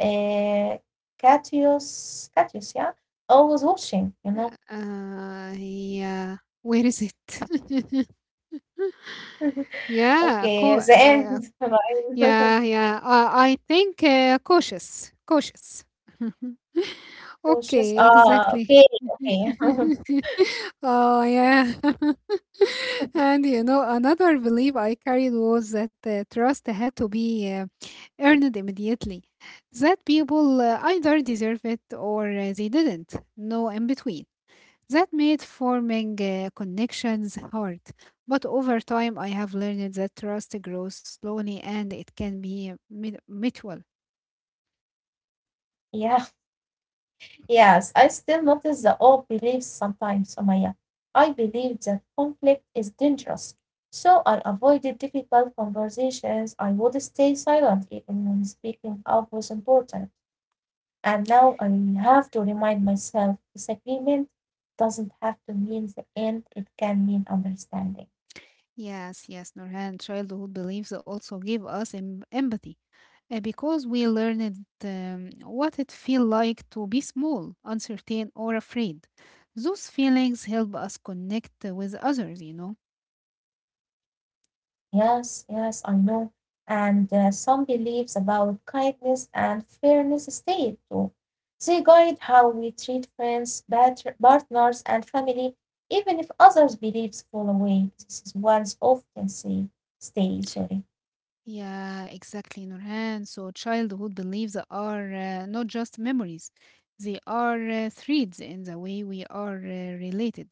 uh, courteous, yeah, always watching, you know.
Yeah. Where is it? Yeah.
Okay, the end. Bye.
Yeah. Yeah. I think cautious. Cautious.
Bushes.
Okay.
Ah, okay,
Exactly.
okay.
Oh yeah. And you know, another belief I carried was that trust had to be earned immediately. That people either deserve it or they didn't. No in between. That made forming connections hard, but over time I have learned that trust grows slowly and it can be mutual.
Yeah, yes. I still notice the old beliefs sometimes, Omaya. I believe that conflict is dangerous. So I avoided difficult conversations. I would stay silent even when speaking up was important. And now I have to remind myself disagreement doesn't have to mean the end, it can mean understanding.
Yes, yes, Nurhan, childhood beliefs also give us empathy because we learned what it feels like to be small, uncertain, or afraid. Those feelings help us connect with others, you know.
Yes, yes, I know. And some beliefs about kindness and fairness stay too. They guide how we treat friends, partners, and family, even if others' beliefs fall away. This is one's often say, stay, sorry.
Yeah, exactly, Nurhan. So childhood beliefs are not just memories. They are threads in the way we are related,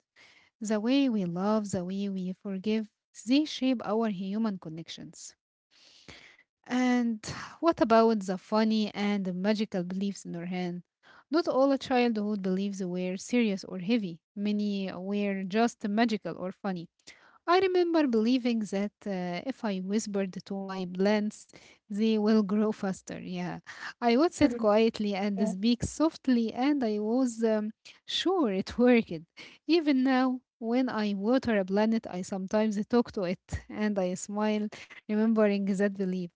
the way we love, the way we forgive. They shape our human connections. And what about the funny and the magical beliefs, Nurhan? Not all childhood beliefs were serious or heavy. Many were just magical or funny. I remember believing that if I whispered to my plants, they will grow faster. Yeah, I would sit
Mhm.
quietly
Yeah.
and speak softly, and I was sure it worked. Even now, when I water a planet, I sometimes talk to it and I smile, remembering that belief.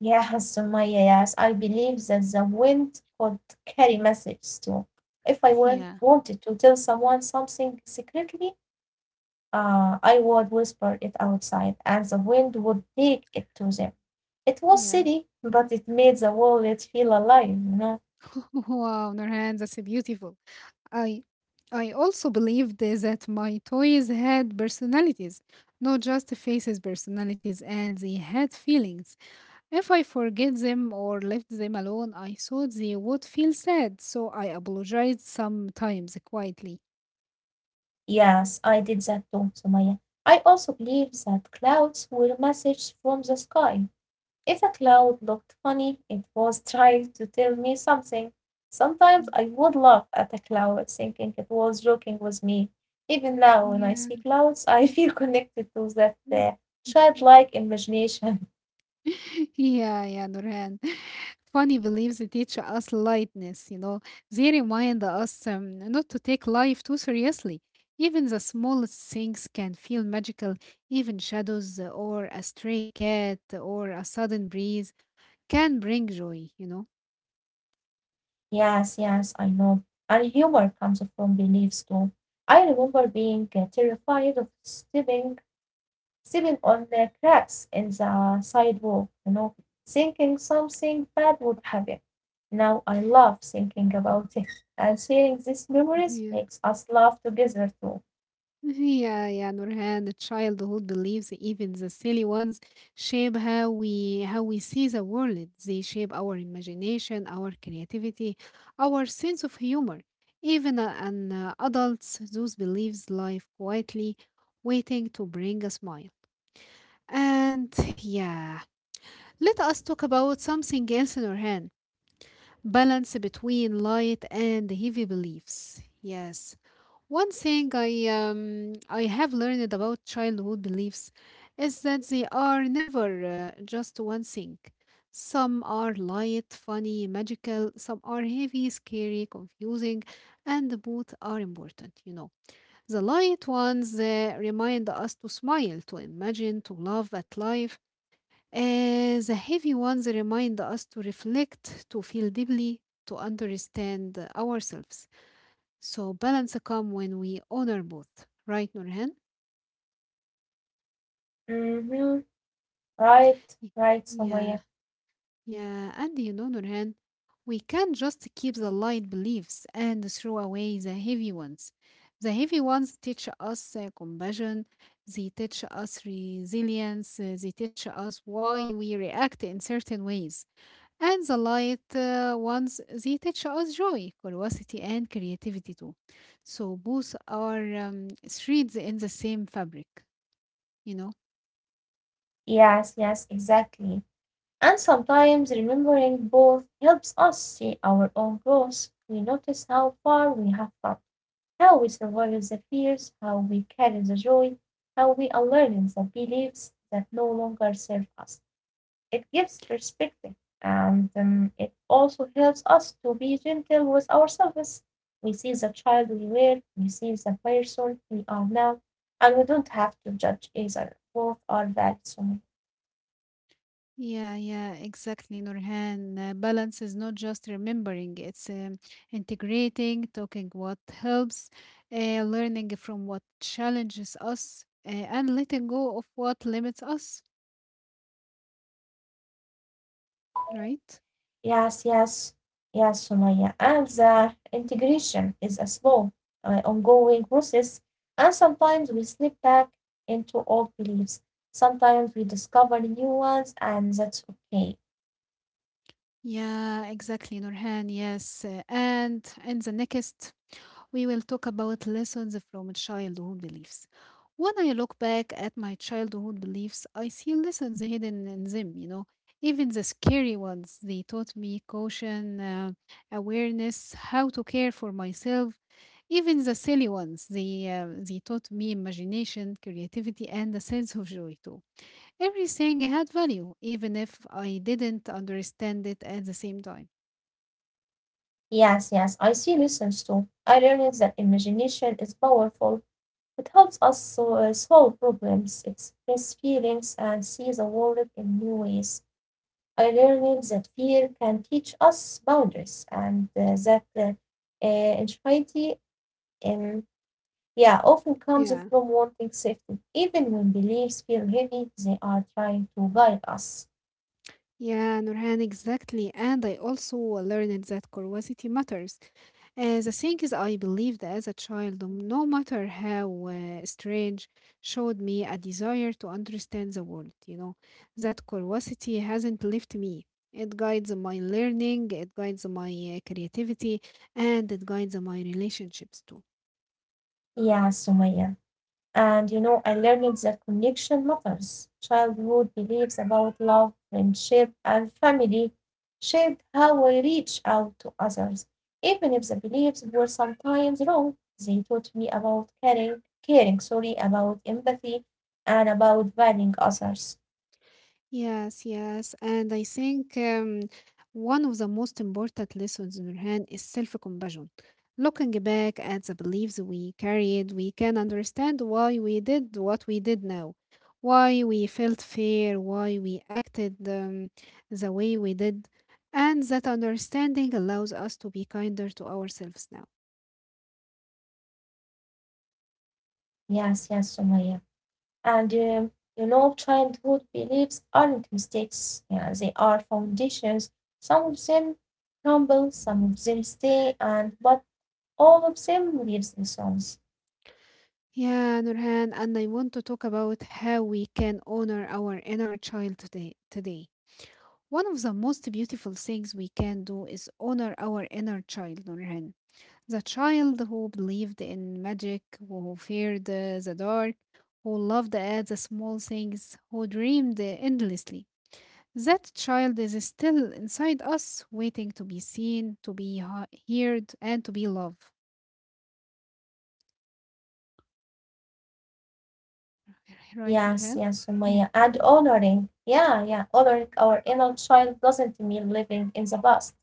Yes, Sumaya, yes, I believe that the wind could carry messages too. If I
Yeah,
wanted to tell someone something secretly, ah, I would whisper it outside, and the wind would take it to them. It was
yeah.
silly, but it made the wallet feel alive, you know.
Wow, Nurhan, that's beautiful. I I also believed that my toys had personalities, not just faces personalities, and they had feelings. If I forget them or left them alone, I thought they would feel sad, so I apologized sometimes quietly.
Yes, I did that too, Sumaya. I also believe that clouds were messages from the sky. If a cloud looked funny, it was trying to tell me something. Sometimes I
Mm,
would laugh at a cloud, thinking it was joking with me. Even now, when I
yeah.
see clouds, I feel connected to that childlike imagination.
Yeah, Nurhan. Funny beliefs teach us lightness, you know. They remind us not to take life too seriously. Even the smallest things can feel magical. Even shadows or a stray cat or a sudden breeze can bring joy,
Yes, yes, I know. And humor comes from beliefs too. I remember being terrified of stepping on the cracks in the sidewalk, you know, thinking something bad would happen. Now I love thinking about it, and sharing these memories
know.
makes us laugh together too.
Yeah, Nurhan, the childhood beliefs, even the silly ones, shape how we see the world. They shape our imagination, our creativity, our sense of humor. Even an adults, those beliefs life quietly, waiting to bring a smile. And yeah, let us talk about something else, Nurhan. Balance between light and heavy beliefs. Yes, one thing I have learned about childhood beliefs is that they are never just one thing. Some are light, funny, magical, some are heavy, scary, confusing, and both are important, you know. The light ones remind us to smile, to imagine, to love at life. The heavy ones remind us to reflect, to feel deeply, to understand ourselves. So balance come when we honor both, right, Nurhan?
Mm-hmm. Right,
Y-
right,
Yeah,
Somaya.
yeah. And you know, Nurhan, we can't just keep the light beliefs and throw away the heavy ones. The heavy ones teach us compassion, they teach us resilience, they teach us why we react in certain ways. And the light ones, they teach us joy, curiosity, and creativity too. So both are threads in the same fabric, you know?
Yes, yes, exactly. And sometimes remembering both helps us see our own growth. We notice how far we have come, how we survive the fears, how we carry the joy, how we unlearned the beliefs that no longer serve us. It gives perspective and it also helps us to be gentle with ourselves. We see the child we were, we see the person we are now, and we don't have to judge either. Both are valid so much.
Yeah, exactly, Nurhan. Balance is not just remembering, it's integrating, talking what helps, learning from what challenges us, and letting go of what limits us, right?
Yes, yes, yes, Sumaya. And the integration is a slow, ongoing process. And sometimes we slip back into old beliefs. Sometimes we discover new ones, and that's okay.
Yeah, exactly, Nurhan. Yes. And in the next we will talk about lessons from childhood beliefs. When I look back at my childhood beliefs, I see lessons hidden in them, you know, even the scary ones. They taught me caution, awareness, how to care for myself. Even the silly ones, they taught me imagination, creativity, and a sense of joy too. Everything had value, even if I didn't understand it at the same time.
Yes, yes, I see lessons too. I learned that imagination is powerful. It helps us solve problems, express feelings, and see the world in new ways. I learned that fear can teach us boundaries and that uh, anxiety um, yeah, often comes
Yeah.
from wanting safety. Even when beliefs feel heavy, they are trying to guide us.
Yeah, Nurhan, exactly. And I also learned that curiosity matters. The things I believed as a child, no matter how strange, showed me a desire to understand the world. You know, that curiosity hasn't left me. It guides my learning, it guides my creativity, and it guides my relationships too.
Yeah, Sumaya. And you know, I learned that connection matters. Childhood beliefs about love, friendship, and family shaped how I reach out to others. Even if the beliefs were sometimes wrong, they taught me about caring, sorry, about empathy, and about valuing others.
Yes, yes. And I think one of the most important lessons, Nurhan, is self compassion. Looking back at the beliefs we carried, we can understand why we did what we did now, why we felt fear, why we acted the way we did. And that understanding allows us to be kinder to ourselves now.
Yes, yes, Sumaya. And you know, childhood beliefs aren't mistakes. Yeah, they are foundations. Some of them crumble, some of them stay, and but all of them lives in songs.
Yeah, Nurhan, and I want to talk about how we can honor our inner child today. Today one of the most beautiful things we can do is honor our inner child, Nurhan. The child who believed in magic, who feared the dark, who loved at the small things, who dreamed endlessly. That child is still inside us, waiting to be seen, to be heard, and to be loved. Right,
Yes,
Nurhan?
yes,
Yeah.
Sumaya. And honoring. Yeah, yeah. Honoring our inner child doesn't mean living in the past.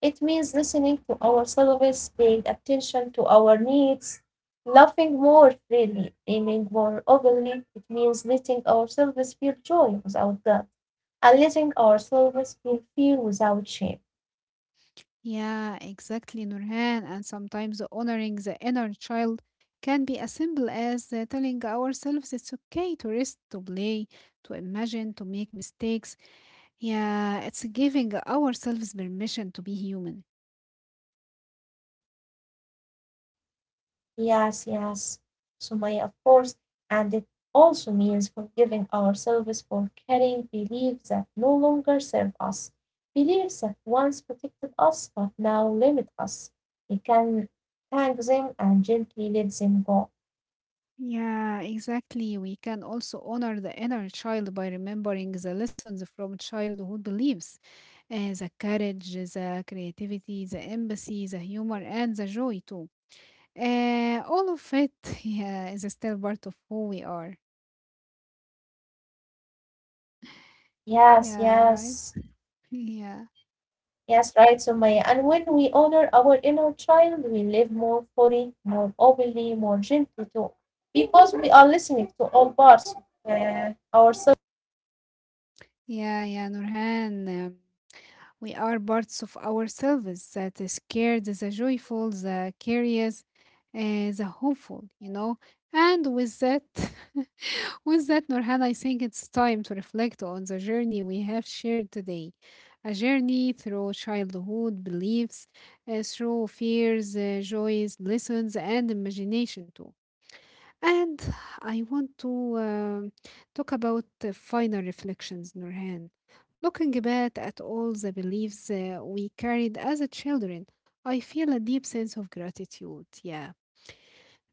It means listening to ourselves, paying attention to our needs, laughing more freely, dreaming more openly. It means letting ourselves feel joy without doubt and letting ourselves feel fear without shame.
Yeah, exactly, Nurhan. And sometimes honoring the inner child can be as simple as telling ourselves it's okay to rest, to play, to imagine, to make mistakes. Yeah, it's giving ourselves permission to be human.
Yes, yes, Sumaya, of course, and it also means forgiving ourselves for carrying beliefs that no longer serve us, beliefs that once protected us but now limit us. We can hang them and gently let them go.
Yeah, exactly. We can also honor the inner child by remembering the lessons from childhood beliefs, the courage, the creativity, the empathy, the humor, and the joy too. All of it, yeah, is still part of who we are.
Yes,
Yeah, right?
yes,
Yeah,
yes, right, Sumaya. And when we honor our inner child, we live more fully, more openly, more gently too, because we are listening to all parts of ourselves.
yeah, Nurhan. We are parts of ourselves that is scared, the joyful, the curious, the hopeful, you know? And with that, with that, Nurhan, I think it's time to reflect on the journey we have shared today. A journey through childhood beliefs, through fears, joys, lessons, and imagination too. And I want to talk about the final reflections, Nurhan. Looking back at all the beliefs we carried as a children, I feel a deep sense of gratitude, yeah.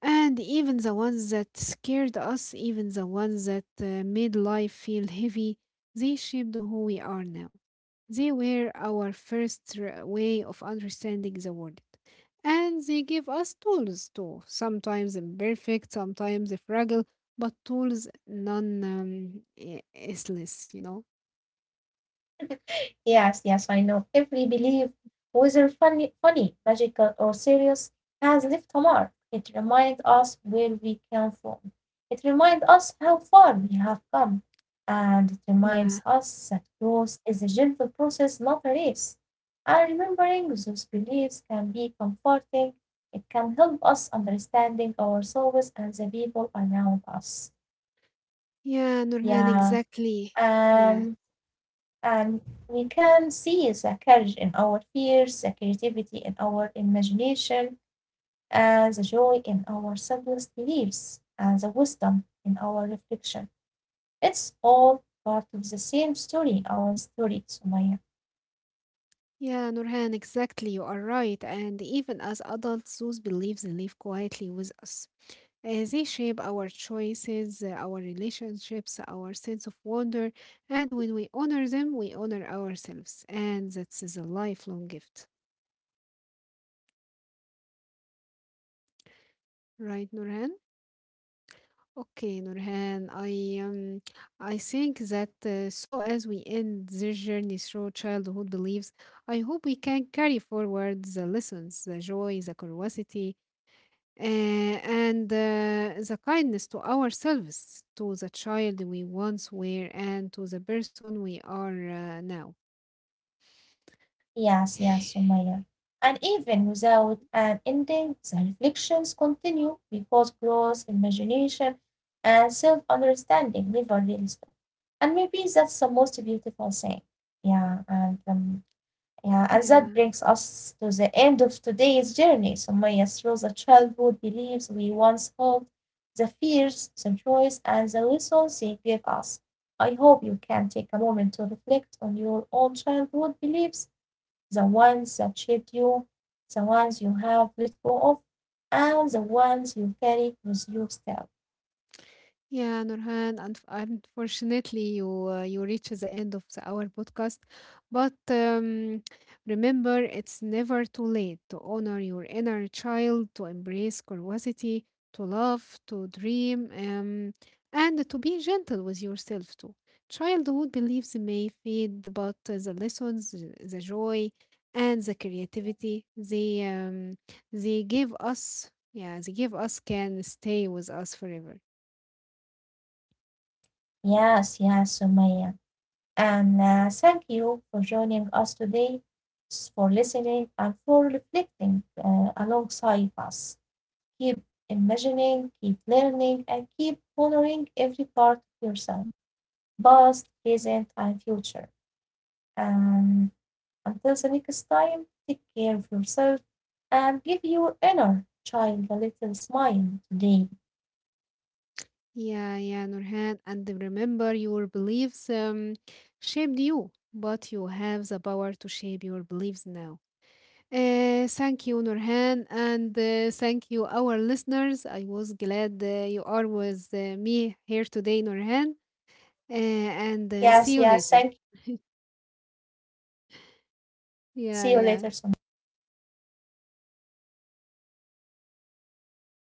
And even the ones that scared us, even the ones that made life feel heavy, they shaped who we are now. They were our first way of understanding the world. And they gave us tools too, sometimes imperfect, sometimes fragile, but tools non useless, you know?
Yes, yes, I know. Every belief, whether funny, magical, or serious, has left a mark. It reminds us where we came from. It reminds us how far we have come. And it reminds
Yeah,
us that growth is a gentle process, not a race. And remembering those beliefs can be comforting. It can help us understanding ourselves and the people around us.
yeah, Nurhan,
Yeah.
exactly. Yeah,
Um, and we can see the courage in our fears, the creativity in our imagination, and the joy in our simplest beliefs, and the wisdom in our reflection. It's all part of the same story, our story, Sumaya.
yeah, Nurhan, exactly. You are right. And even as adults, those beliefs live quietly with us. They shape our choices, our relationships, our sense of wonder, and when we honor them, we honor ourselves. And that is a lifelong gift. Right, Nurhan? Okay, Nurhan, um, I think that so as we end this journey through childhood beliefs, I hope we can carry forward the lessons, the joy, the curiosity, and the kindness to ourselves, to the child we once were, and to the person we are now.
Yes, yes, Sumaya. And even without an ending, the reflections continue because growth, imagination, and self understanding never really stop. And maybe that's the most beautiful thing. Yeah, and yeah, and that
Yeah.
brings us to the end of today's journey, Sumaya, through the childhood beliefs we once held, the fears, the joys, and the lessons they gave us. I hope you can take a moment to reflect on your own childhood beliefs the ones that shaped you, the ones you have let go of, and the ones you carry with you still.
Yeah, Nurhan, and unfortunately, you reach the end of our podcast. But remember, it's never too late to honor your inner child, to embrace curiosity, to love, to dream, and to be gentle with yourself too. Childhood beliefs may fade, but the lessons, the joy, and the creativity they give us, yeah, they give us can stay with us forever.
Yes, yes, Sumaya. And thank you for joining us today, for listening, and for reflecting alongside us. Keep imagining, keep learning, and keep honoring every part of yourself, past, present, and future. And until the next time, take care of yourself and give your inner child a little smile today.
Yeah, Nurhan. And remember, your beliefs shaped you, but you have the power to shape your beliefs now. Thank you, Nurhan, and thank you, our listeners. I was glad you are with me here today, Nurhan. Uh, and See
Yes,
you
yes,
later.
thank you.
Yeah.
See you later soon.